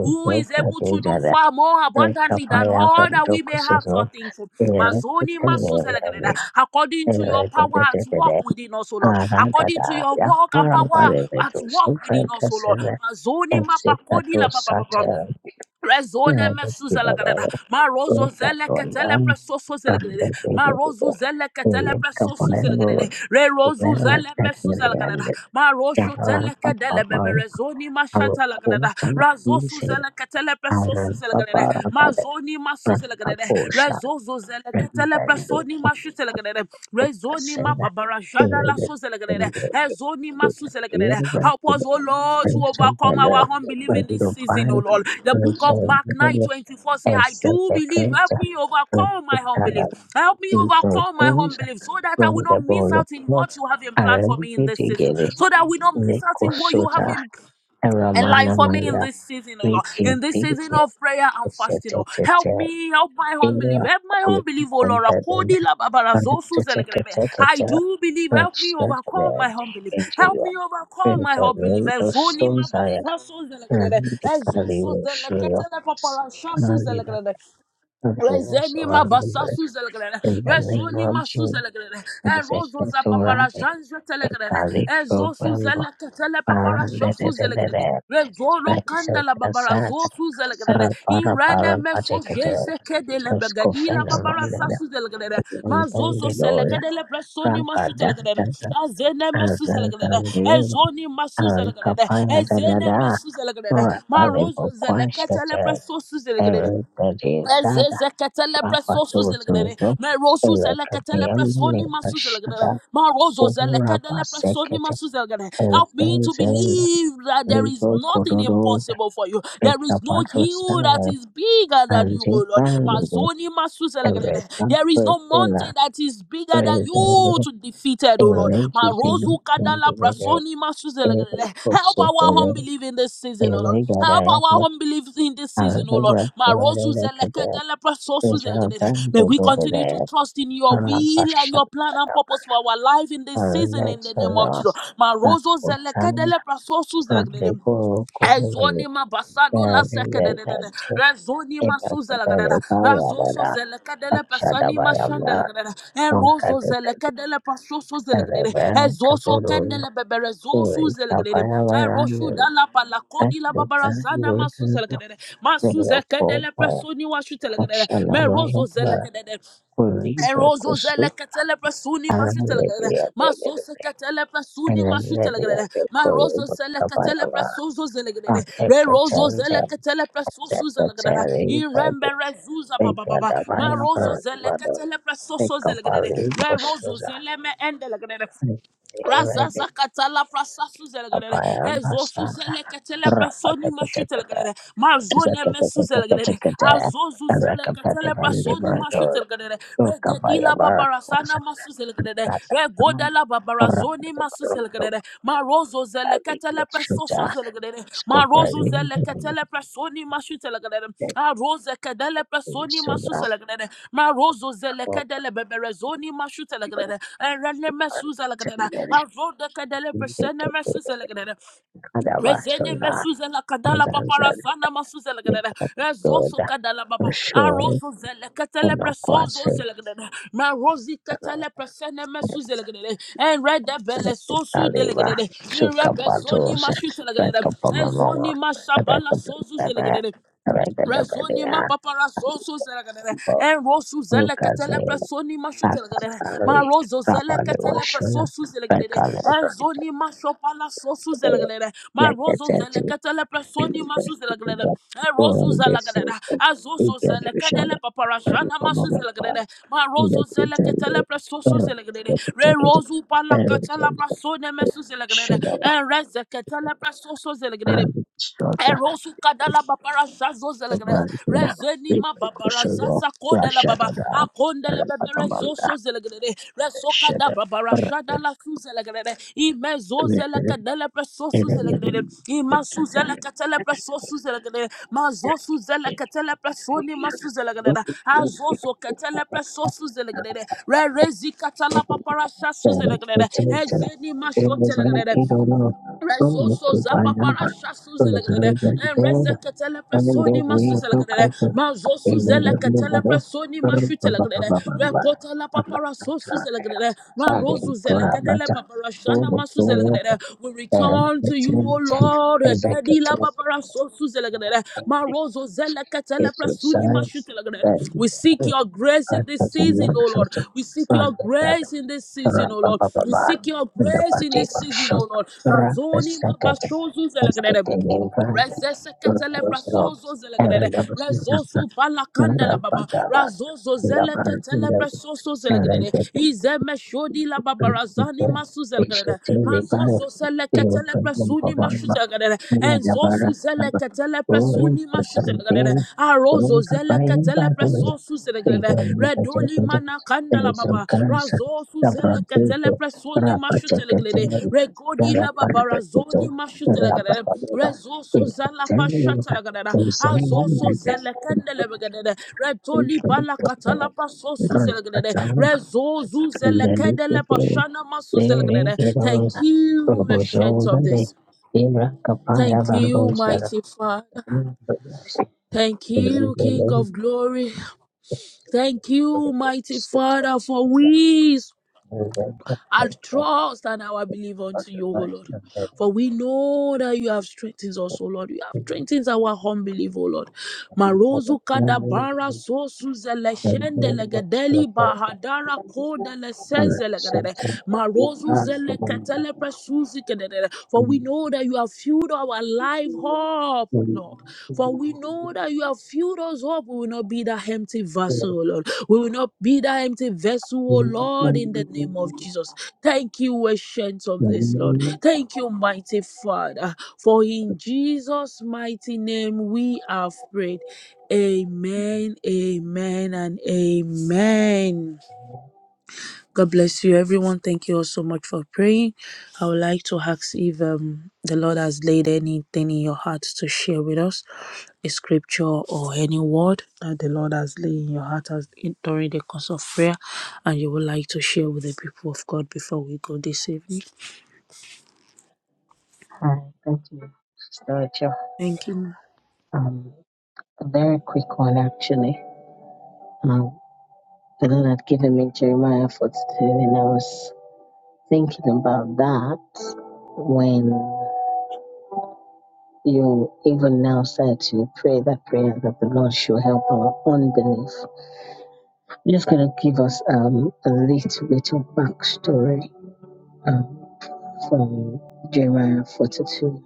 S1: Who is able to do far more abundantly than
S2: rekapayaka
S1: all that we may have
S2: jokusuzo
S1: to think for? Mazoni
S2: erekitenevane
S1: masuzelegedede. According to your power at
S2: eredende
S1: work within us, O Lord. According
S2: Aradada
S1: to your work and power at
S2: yaparabarevito
S1: work within us, O Lord.
S2: sofrakaseve
S1: Mazoni mapakodi
S2: exitato
S1: la Papa.
S2: satel
S1: Rezone mesuzela gadada.
S2: meredudavere
S1: Ma rozo zele ketele
S2: vedatondan
S1: preso suzela gadada. Ma
S2: randevidevide
S1: rozu zele ketele preso suzela
S2: ilikapayavoro
S1: gadada. Re rozu zele mesuzela gadada.
S2: zeratekniriande
S1: Ma rosho tele kedele bebe
S2: yarapapamari
S1: rezoni ma shantala gadada.
S2: arukutana
S1: Razo
S2: isere
S1: suzela ketele preso suzela gadada. Ma
S2: arapaparabade
S1: zoni ma suzela gadada.
S2: rakaposha
S1: Rezozo zele ketele
S2: renbendu
S1: preso ni ma shutela gadada rezoni ma
S2: okukasera
S1: babara shada la suzelegrede
S2: iredevide
S1: ezoni ma suzelegrede help us oh lord to overcome
S2: Isabella
S1: our unbelief in this season oh
S2: Dubai
S1: lord the book of mark 9
S2: reservoir
S1: 24 says, i
S2: as a
S1: do believe
S2: second
S1: help me overcome my unbelief
S2: particular
S1: help me overcome my
S2: diversions
S1: unbelief so that i
S2: from
S1: will not
S2: the
S1: miss
S2: ball of
S1: out in
S2: rock
S1: what you have in plan for me in this season
S2: Arabidigere
S1: so that we do not miss out in what you have
S2: Nikosota
S1: in and like
S2: Aramana
S1: for me in
S2: Maya
S1: this season, oh Lord,
S2: Nikin
S1: in this season
S2: Dizzy
S1: of prayer and fasting, oh, help
S2: Setete
S1: me, help my home belief,
S2: Era
S1: help my home
S2: with
S1: belief, oh Lord.
S2: Compedin
S1: Akodi la babara
S2: and
S1: zosu zelegrebe. I
S2: Tetekete
S1: do believe, help me
S2: Registered
S1: overcome
S2: there
S1: my home belief. help
S2: Nigeria
S1: me overcome my
S2: Printer
S1: unbelief. Ezoni ma
S2: Stones I
S1: basasu zelegrebe.
S2: and the Kali
S1: Ezosu
S2: Roshua
S1: zeleketele papara shasu zelegrebe.
S2: Reverence
S1: Rezeni
S2: of
S1: ma
S2: our members
S1: basasu zelegrere,
S2: in the name
S1: rezoni
S2: of
S1: ma su
S2: Jesus.
S1: zelegrere, e rozo za
S2: Executora
S1: papara
S2: de
S1: shanje telegrere, e
S2: Pecalico
S1: zosu
S2: Bembo
S1: zeleke tele papara
S2: Parandere
S1: shosu zelegrere, rezoro kanda
S2: Penseta
S1: la
S2: Santa
S1: babara
S2: Santa,
S1: zosu zelegrere,
S2: Rapara
S1: inrene
S2: Para
S1: me so
S2: Patekate
S1: jese kede le begadi la
S2: Escofena
S1: babara
S2: Valera
S1: sasu zelegrere, ma zozo
S2: Vendedora
S1: selekede le presoni ma
S2: Rapa
S1: su telegrere,
S2: Dantas
S1: a zene me su zelegrere, e
S2: Azazandi
S1: zoni ma su zelegrere,
S2: Alcapaya
S1: e zene me
S2: Dada
S1: su zelegrere, ma rozo
S2: Rapalibo
S1: zeleke tele
S2: Quashete
S1: presosu zelegrere,
S2: Everybody Sada
S1: Ezezeketele
S2: Rapa
S1: preso
S2: Tutu
S1: suzelegere. Mero suzeleketele preso ni
S2: Elakapayamani
S1: masuzelegere. ma suzelegere. Marozo
S2: Uhura
S1: preso ni ma
S2: Basekete
S1: Help me to
S2: Ezenzel
S1: believe that there is
S2: Ligo
S1: nothing
S2: Kororo
S1: impossible for you. There
S2: Beta
S1: is no hill that
S2: Patrosana
S1: is bigger than you,
S2: Anji
S1: O Lord.
S2: Bandi
S1: Mazoni ma suzelegere.
S2: Ereka
S1: There is no
S2: Perkola
S1: mountain that is bigger than you
S2: Prezelo
S1: battle defeated, oh Lord.
S2: Ereki
S1: Marozu
S2: Zibi
S1: kadala
S2: Mbele
S1: prasoni masuzelekele.
S2: Ereko
S1: Help our
S2: Sofere
S1: unbelief in this season, oh Lord.
S2: Erega
S1: Help our
S2: Dayake
S1: unbelief in this season, oh Lord.
S2: Alabra
S1: Marozu
S2: Kavare Kade
S1: zelekedele prasosuzelekele.
S2: Javan
S1: May we continue to
S2: Zogode
S1: trust in your will and
S2: Alabasha
S1: your plan and purpose for our life in this season in the name of
S2: Alesara
S1: Jesus. Marozo
S2: Takotan
S1: zelekedele prasosuzelekele.
S2: Rangego
S1: Ezoni ma basado la sekedede.
S2: Narayananji
S1: Rezonima suzelagadada. Razoso
S2: Ekakapalekavayamana
S1: zelekadele pasanima
S2: Akshadavayamna
S1: shandelagadada. Enrozo zelekadele pasoso zelegadede.
S2: Omkadakaravana
S1: Ezoso
S2: Kapururu
S1: kendele bebe bebere zosu zelegadede.
S2: Kapayavana
S1: Enroshu dala palakodi la
S2: Akshika
S1: babarazana ma masu
S2: Gurudu
S1: zelegadede. Masu zekedele
S2: Nirvakopaya
S1: personi washu telegadede. Merozo
S2: Akshanavayamana
S1: zelegadede.
S2: Kuriva
S1: Erozo zele
S2: Kusu
S1: katele presuni mashutele gere.
S2: Anavya
S1: Ma sose
S2: Vegavya
S1: katele presuni
S2: Anavya
S1: mashutele gere. Ma rozo
S2: Kuruva
S1: zele katele
S2: Kapayava
S1: presuzo zele gere. Re rozo
S2: Anekacharya
S1: zele katele presusu zele gere.
S2: Acceptacharya
S1: In rembe rezuza ba ba ba ba. Ma
S2: Vegavaya
S1: rozo zele
S2: Vada
S1: katele presuso zele gere.
S2: Recovery
S1: Re rozo
S2: Kosuza
S1: zele me endele gere.
S2: Recovery
S1: Razaza katala frasa suzelegrede.
S2: Papaya
S1: Ezo
S2: Basanta
S1: suzele ketele personi
S2: Rapatekateka
S1: mashutelgrede. Mazone me suzelegrede.
S2: Zakatekateka
S1: Azo zuzele ketele
S2: Rakapativan
S1: personi
S2: Liberator
S1: mashutelgrede. Regedila
S2: Okabayabara
S1: babarasana masuzelegrede.
S2: Zakata
S1: Regodala babarazoni
S2: Rapatekateka
S1: masuzelegrede. Marozo zeleketele presoso
S2: Shuta
S1: zelegedere. Marozo
S2: Scoprazin
S1: zeleketele presoni masu zelegedere. Aroze kedele presoni masu
S2: Suda
S1: zelegedere. Marozo zelekedele beberezoni masu zelegedere. Erene mesu zelegedere.
S2: Senderish
S1: Arode kedele presene mesu zelegedere.
S2: Kadava
S1: Rezene
S2: Sona
S1: mesuzela kadala papara
S2: Zanzan
S1: sana masuzela kadada. Rezoso kadala baba.
S2: Yoda
S1: Arozo zele ketele presozo
S2: Menokwase
S1: zele kadada. Ma rozi ketele presene mesuzela kadada. En rede bele sosu dele
S2: Aliva
S1: kadada. In rebe zoni
S2: Sukapatos
S1: mashu zele kadada. En
S2: Rekapamama
S1: zoni mashabala sozu zele
S2: Rekapamama
S1: kadada. Razoni ma
S2: Rekapamama
S1: papara soso zelagadere. En rosu
S2: Lucas
S1: zelekatele presoni ma shutelagadere. Ma
S2: Pastatari
S1: rozo
S2: Rapani
S1: zelekatele
S2: Washun
S1: presosu zelagadere.
S2: Rekani
S1: En zoni ma shopala sosu zelagadere. Ma rozo
S2: Nekatati
S1: zelekatele presoni ma su zelagadere. En rozu
S2: This is
S1: zelagadere.
S2: the
S1: Azoso
S2: Get
S1: zelekadele
S2: Rishada
S1: papara shana ma su zelagadere. Ma
S2: Shut
S1: rozo zelekatele presosu zelagadere. Re rozu pala katala presone ma su zelagadere.
S2: up.
S1: En rezekatele presosu zelagadere. Erosu kadala babara zazo zelegra rezeni ma babara zaza kodela baba akondele bebe rezoso zelegrede resoka da babara shada la su zelegrede imezo zeleka dele presosu zelegrede imasu zeleka tele presosu zelegrede mazosu zeleka tele presoni masu zelegrede azozo ketele presosu zelegrede re rezi katala babara shasu zelegrede ezeni ma shote Rezoso zapapara shasu zelegrede. Rezekatele
S2: Thank
S1: personi masu zelegrede. Mazosu zelekatele personi mashu telegrede. Rekota la papara sosu zelegrede. Marozu zelekadele papara shana masu zelegrede. We return to you, O Lord, Kadila Babara Sosuzelagre, Marozo Zelakatala Prasuni Mashutelagre. We seek your grace in this season, O Lord. We seek your grace in this season, O Lord. We seek your grace in this season, O Lord. Razoni Mabashozu Zelagade. Rezese ketele prasozo zelegrede.
S2: you.
S1: Rezosu palakanda
S2: Rapat
S1: la baba. Razozo zele ketele prasozo zelegrede. Izeme shodi la baba razani masu zelegrede. Mazozo zele ketele prasuni mashu zelegrede. Enzosu zele ketele prasuni mashu zelegrede. Arozo zele ketele prasozo zelegrede. Redoli Mana kandala baba razo suzele ketele presoni mashutelegede regodi la baba razoni mashutelegede rezo suzala pashatelegede azo suzele kendele begede
S2: Thank
S1: retoli bala katala paso suzelegede rezo zuzele kedele pashana masuzelegede thank you ancient of this Thank you, mighty Father. Thank you, King of glory. Thank you, mighty Father, for we Our trust and our belief unto you, O Lord. For we know that you have strengthened us, O Lord. You have strengthened our unbelief, O Lord. Marozu kadabara sosu zele shende legedeli bahadara kode le senze legedede. Marozu zele ketele presuzi kededede. For we know that you have filled our life up Lord. For we know that you have filled us up. We will not be that empty vessel, O Lord. We will not be that empty vessel, O Lord, in the name
S2: you.
S1: of Jesus. Thank you, ancient of this, Lord.
S2: Hallelujah.
S1: Thank you, mighty Father. For in Jesus' mighty name we have prayed. Amen, amen, and amen. God bless you, everyone. Thank you all so much for praying. I would like to ask if um, the Lord has laid anything in your heart to share with us, a scripture or any word that the Lord has laid in your heart as in, during the course of prayer, and you would like to share with the people of God before we go this evening.
S2: Hi, thank you, So, Rachel.
S1: Thank you. ma'am.
S2: Um, a very quick one, actually. Um, the Lord had given me Jeremiah 42, and I was thinking about that when you even now said to pray that prayer that the Lord should help our unbelief. I'm just going to give us um, a little bit of backstory um, from Jeremiah 42.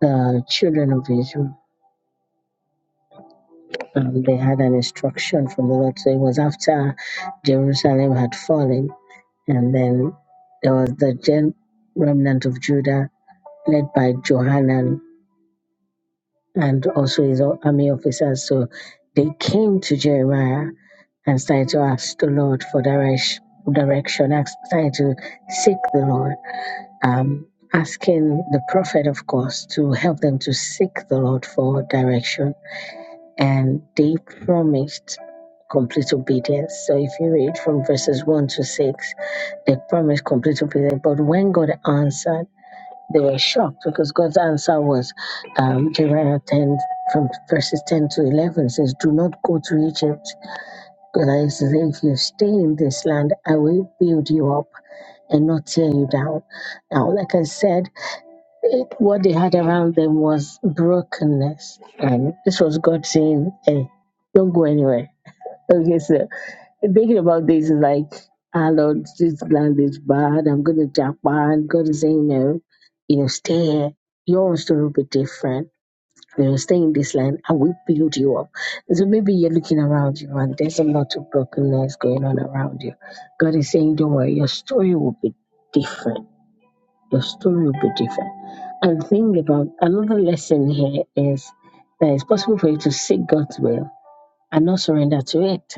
S2: The children of Israel. Um, they had an instruction from the Lord. So it was after Jerusalem had fallen, and then there was the gen- remnant of Judah led by Johanan and also his army officers. So they came to Jeremiah and started to ask the Lord for direc- direction, ask- started to seek the Lord, um, asking the prophet, of course, to help them to seek the Lord for direction and they promised complete obedience. So if you read from verses 1 to 6, they promised complete obedience. But when God answered, they were shocked because God's answer was um, Jeremiah 10 from verses 10 to 11 says, Do not go to Egypt. Because I say, if you stay in this land, I will build you up and not tear you down. Now, like I said, what they had around them was brokenness. And this was God saying, hey, don't go anywhere. Okay, so thinking about this is like, ah, Lord, this land is bad. I'm going to Japan. God is saying, no, you know, stay here. Your story will be different. You know, stay in this land. I will build you up. So maybe you're looking around you and there's a lot of brokenness going on around you. God is saying, don't worry, your story will be different the story will be different. And think about another lesson here is that it's possible for you to seek God's will and not surrender to it.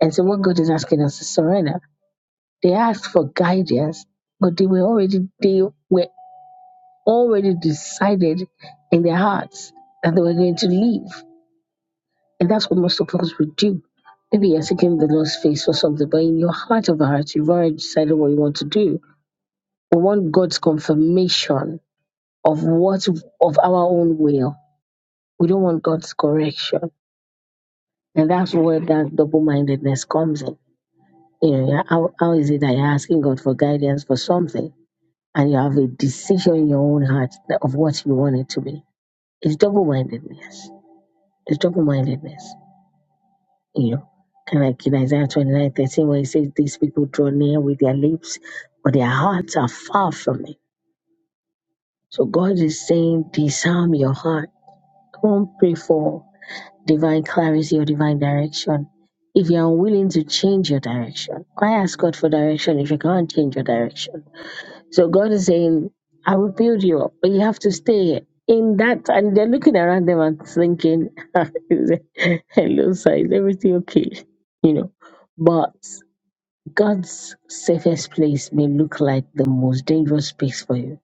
S2: And so what God is asking us to surrender, they asked for guidance, but they were already they were already decided in their hearts that they were going to leave. And that's what most of us would do. Maybe you're seeking the Lord's face for something, but in your heart of hearts, you've already decided what you want to do. We want God's confirmation of what of our own will. We don't want God's correction. And that's where that double mindedness comes in. You know, yeah, how, how is it that you're asking God for guidance for something and you have a decision in your own heart that- of what you want it to be? It's double mindedness. It's double mindedness. You know, kind of like in Isaiah twenty nine thirteen, where it says, These people draw near with their lips, but their hearts are far from me. So God is saying, Disarm your heart. Don't pray for divine clarity or divine direction. If you're unwilling to change your direction, why ask God for direction if you can't change your direction? So God is saying, I will build you up, but you have to stay here. In that, and they're looking around them and thinking, hello, sir, is everything okay? You know, but God's safest place may look like the most dangerous place for you.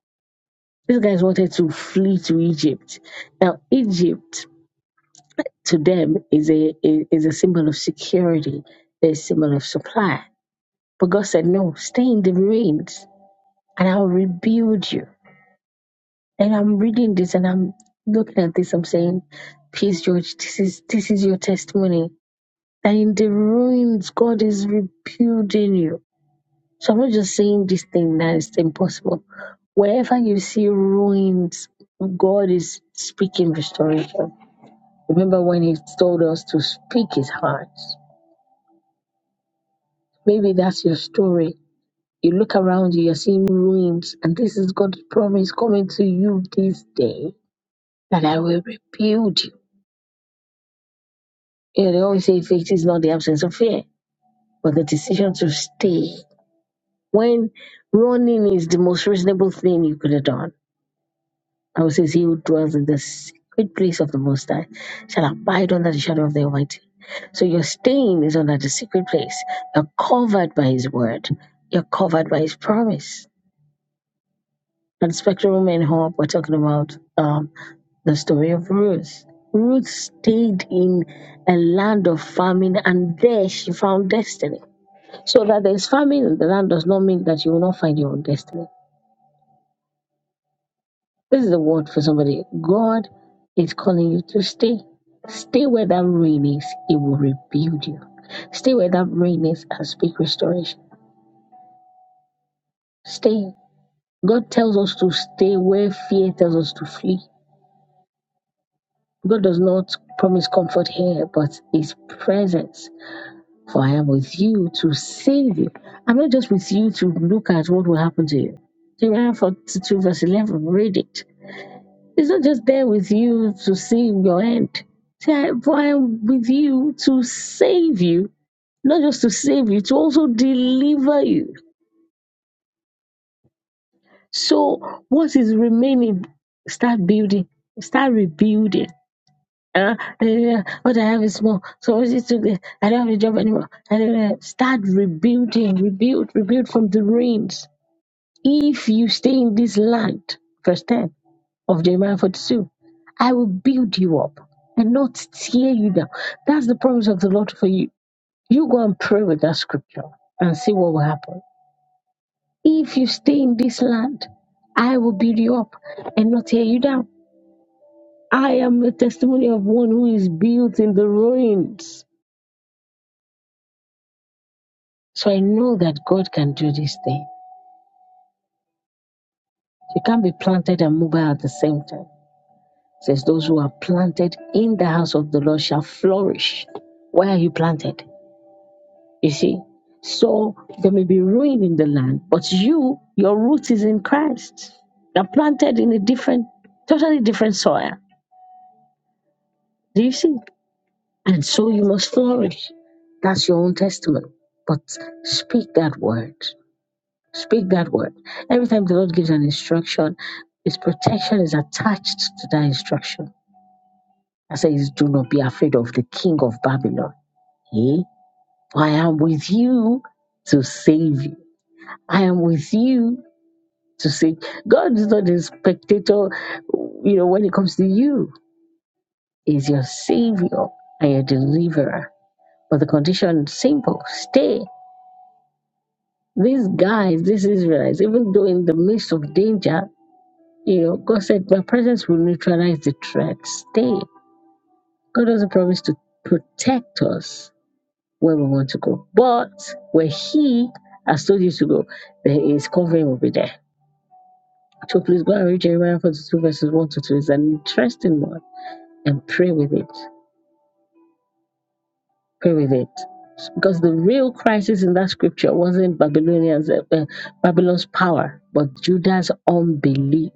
S2: These guys wanted to flee to Egypt. Now, Egypt to them is a is a symbol of security, a symbol of supply. But God said, No, stay in the ruins and I'll rebuild you. And I'm reading this and I'm looking at this, I'm saying, Peace, George, this is this is your testimony. That in the ruins God is rebuilding you. So I'm not just saying this thing that is impossible. Wherever you see ruins, God is speaking restoration. Remember when he told us to speak his heart Maybe that's your story. You look around you, you're seeing ruins, and this is God's promise coming to you this day that I will rebuild you. You know, they always say faith is not the absence of fear, but the decision to stay. When running is the most reasonable thing you could have done, I would say, He who dwells in the secret place of the Most High shall abide under the shadow of the Almighty. So your staying is under the secret place. You're covered by His word, you're covered by His promise. At Spectrum and Hope, we're talking about um, the story of Ruth. Ruth stayed in a land of famine and there she found destiny. So that there's famine in the land does not mean that you will not find your own destiny. This is the word for somebody. God is calling you to stay. Stay where that rain is, it will rebuild you. Stay where that rain is and speak restoration. Stay. God tells us to stay where fear tells us to flee. God does not promise comfort here, but His presence. For I am with you to save you. I'm not just with you to look at what will happen to you. Jeremiah 42, verse 11, read it. He's not just there with you to see your end. Say, "I- For I am with you to save you, not just to save you, to also deliver you. So, what is remaining? Start building, start rebuilding Uh, uh, what I have is small. So it's just okay. I don't have a job anymore. I don't have. Start rebuilding, rebuild, rebuild from the ruins. If you stay in this land, verse 10 of Jeremiah 42, I will build you up and not tear you down. That's the promise of the Lord for you. You go and pray with that scripture and see what will happen. If you stay in this land, I will build you up and not tear you down. I am a testimony of one who is built in the ruins. So I know that God can do this thing. You can't be planted and mobile at the same time. It says those who are planted in the house of the Lord shall flourish. Where are you planted? You see? So there may be ruin in the land, but you, your root is in Christ. You're planted in a different, totally different soil. Do you see? And so you must flourish. That's your own testimony. But speak that word. Speak that word. Every time the Lord gives an instruction, His protection is attached to that instruction. I say, Do not be afraid of the king of Babylon. Eh? For I am with you to save you. I am with you to save. God is not a spectator, you know, when it comes to you, He's your savior and your deliverer. But the condition is simple stay. These guys, these Israelites, even though in the midst of danger, You know, God said my presence will neutralize the threat. Stay. God doesn't promise to protect us where we want to go. But where He has told you to go, there is covering will be there. So please go and read Jeremiah 42 verses 1 to 2. It's an interesting one. And pray with it. Pray with it. Because the real crisis in that scripture wasn't Babylonians, uh, uh, Babylon's power, but Judah's unbelief.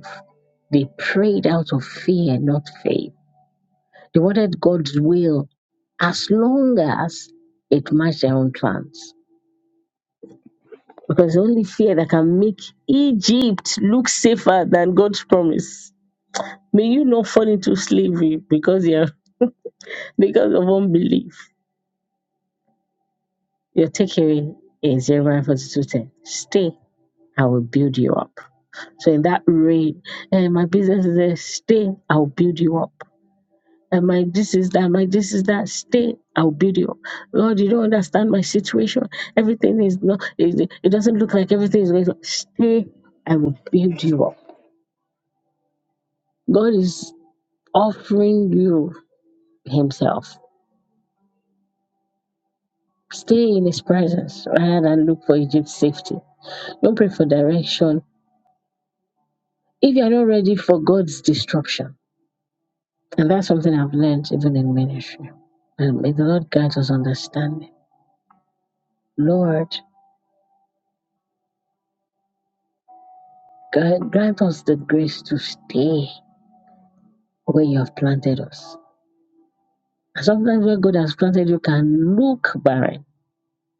S2: They prayed out of fear, not faith. They wanted God's will as long as it matched their own plans. Because the only fear that can make Egypt look safer than God's promise. May you not fall into slavery because you're because of unbelief. Your takeaway is Jeremiah 42 10. Stay, I will build you up. So in that rain, eh, my business is there. Stay, I'll build you up. and my this is that, my this is that. Stay, I'll build you. up. Lord, you don't understand my situation. Everything is not. It, it doesn't look like everything is going. To, stay, I will build you up. God is offering you Himself. Stay in His presence rather than look for Egypt's safety. Don't pray for direction if you are not ready for God's destruction. And that's something I've learned even in ministry. And may the Lord grant us understanding. Lord, grant grant us the grace to stay where you have planted us. And sometimes where God has planted you can look barren,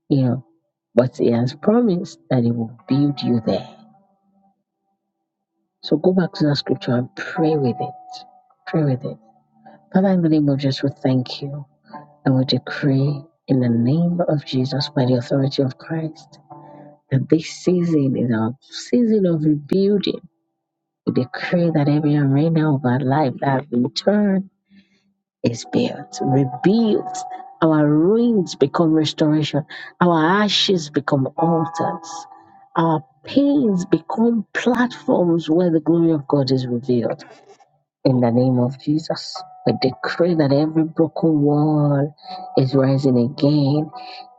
S2: you know, but He has promised that He will build you there. So go back to that scripture and pray with it. Pray with it. Father, in the name of Jesus, we thank you and we decree in the name of Jesus, by the authority of Christ, that this season is our season of rebuilding. We decree that every arena of our life that have been turned is built, rebuilt. Our ruins become restoration. Our ashes become altars. Our pains become platforms where the glory of God is revealed. In the name of Jesus, I decree that every broken wall is rising again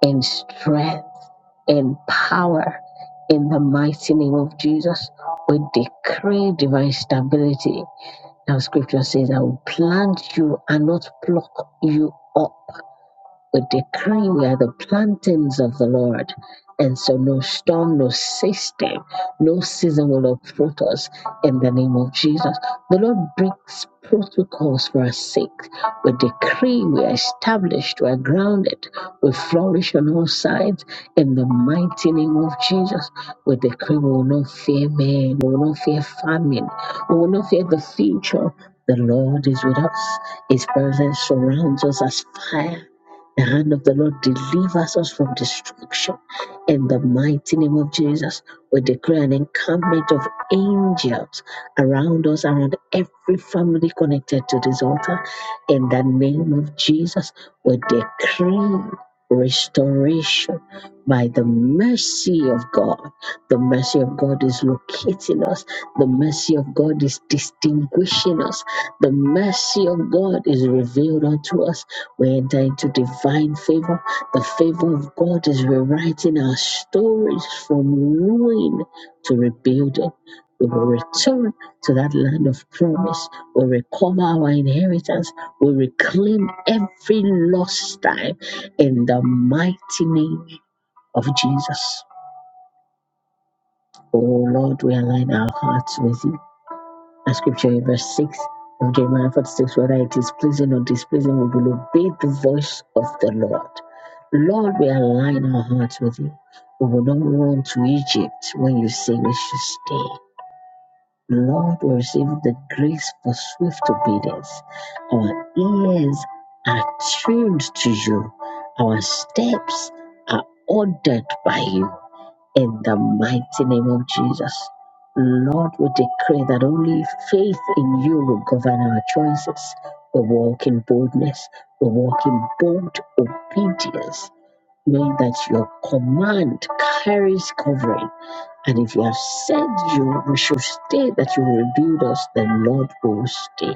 S2: in strength, in power. In the mighty name of Jesus, we decree divine stability now scripture says, I will plant you and not pluck you up. We decree we are the plantings of the Lord. And so no storm, no system, no season will uproot us in the name of Jesus. The Lord breaks protocols for our sake. We decree we are established, we are grounded, we flourish on all sides in the mighty name of Jesus. We decree we will not fear man, we will not fear famine, we will not fear the future. The Lord is with us. His presence surrounds us as fire. The hand of the Lord delivers us from destruction. In the mighty name of Jesus, we declare an encampment of angels around us, around every family connected to this altar. In the name of Jesus, we decree restoration by the mercy of God. The mercy of God is locating us, the mercy of God is distinguishing us, the mercy of God is revealed unto us we enter into divine favor. The favor of God is rewriting our stories from ruin to rebuilding. We will return to that land of promise. We recover our inheritance. We reclaim every lost time in the mighty name of Jesus. Oh Lord, we align our hearts with you. A scripture in verse 6 of Jeremiah 46, whether it is pleasing or displeasing, we will obey the voice of the Lord. Lord, we align our hearts with you. We will not run to Egypt when you say we should stay. Lord, we receive the grace for swift obedience. Our ears are tuned to you. Our steps are ordered by you in the mighty name of Jesus. Lord, we decree that only faith in you will govern our choices. We walk in boldness, we walk in bold obedience, knowing that your command carries covering. And if you have said you we should stay, that you will rebuild us, then Lord we will stay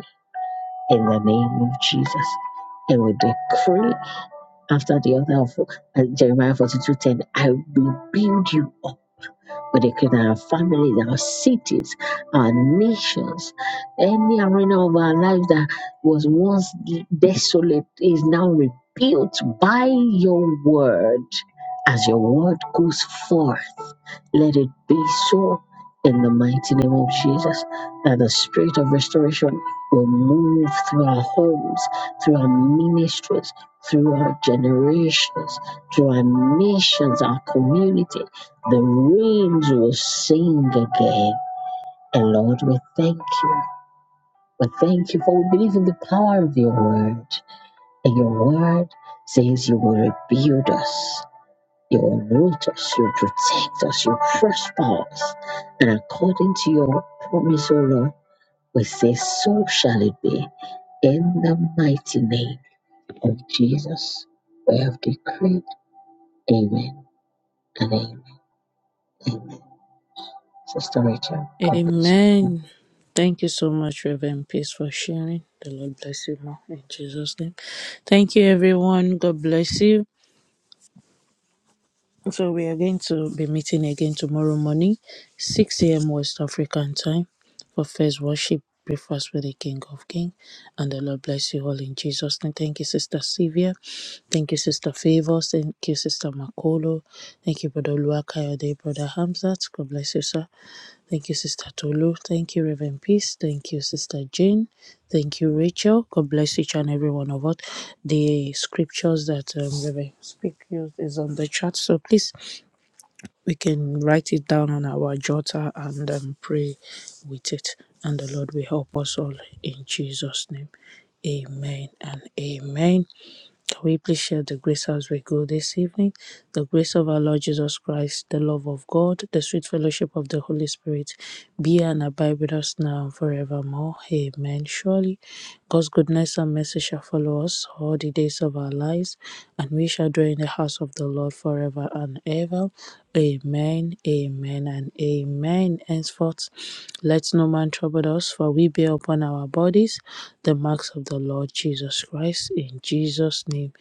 S2: in the name of Jesus. And we decree after the other of uh, Jeremiah forty-two ten, I will build you up we declare that our families, our cities, our nations, any arena of our life that was once desolate is now rebuilt by your word. As your word goes forth, let it be so in the mighty name of Jesus that the spirit of restoration will move through our homes, through our ministries, through our generations, through our nations, our communities the rains will sing again. And Lord, we thank you. We thank you for we believe in the power of your word. And your word says you will rebuild us. You will root us, you will protect us, you will prosper us. And according to your promise, O Lord, we say, So shall it be. In the mighty name of Jesus, we have decreed. Amen and amen. Amen. Sister Rachel, God bless you.
S1: Amen. Thank you so much, Reverend Peace, for sharing. The Lord bless you more in Jesus' name. Thank you, everyone. God bless you. So we are going to be meeting again tomorrow morning, 6 a.m. West African time for first worship breakfast with the King of King. And the Lord bless you all in Jesus' name. Thank you, Sister Sylvia. Thank you, Sister Favors. Thank you, Sister Makolo. Thank you, Brother Luakayode, Brother Hamzat. God bless you, sir. Thank you, Sister Tolu. Thank you, Reverend Peace. Thank you, Sister Jane. Thank you, Rachel. God bless each and every one of us. The scriptures that um, Reverend Speak used is on the chat. So please we can write it down on our jotter and um, pray with it. And the Lord will help us all in Jesus' name. Amen and amen. Can we please share the grace as we go this evening? The grace of our Lord Jesus Christ, the love of God, the sweet fellowship of the Holy Spirit be and abide with us now and forevermore. Amen. Surely God's goodness and mercy shall follow us all the days of our lives, and we shall dwell in the house of the Lord forever and ever. Amen, amen, and amen. Henceforth, let no man trouble us, for we bear upon our bodies the marks of the Lord Jesus Christ. In Jesus' name,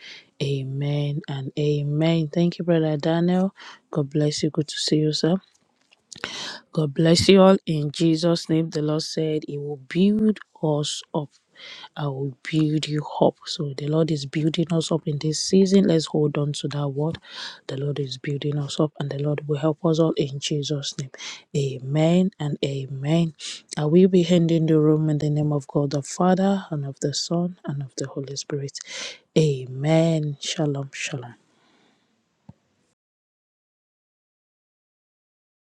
S1: amen and amen. Thank you, Brother Daniel. God bless you. Good to see you, sir. God bless you all. In Jesus' name, the Lord said, He will build us up. I will build you up. So the Lord is building us up in this season. Let's hold on to that word. The Lord is building us up, and the Lord will help us all in Jesus' name. Amen and amen. I will be handing the room in the name of God the Father, and of the Son, and of the Holy Spirit. Amen. Shalom, shalom.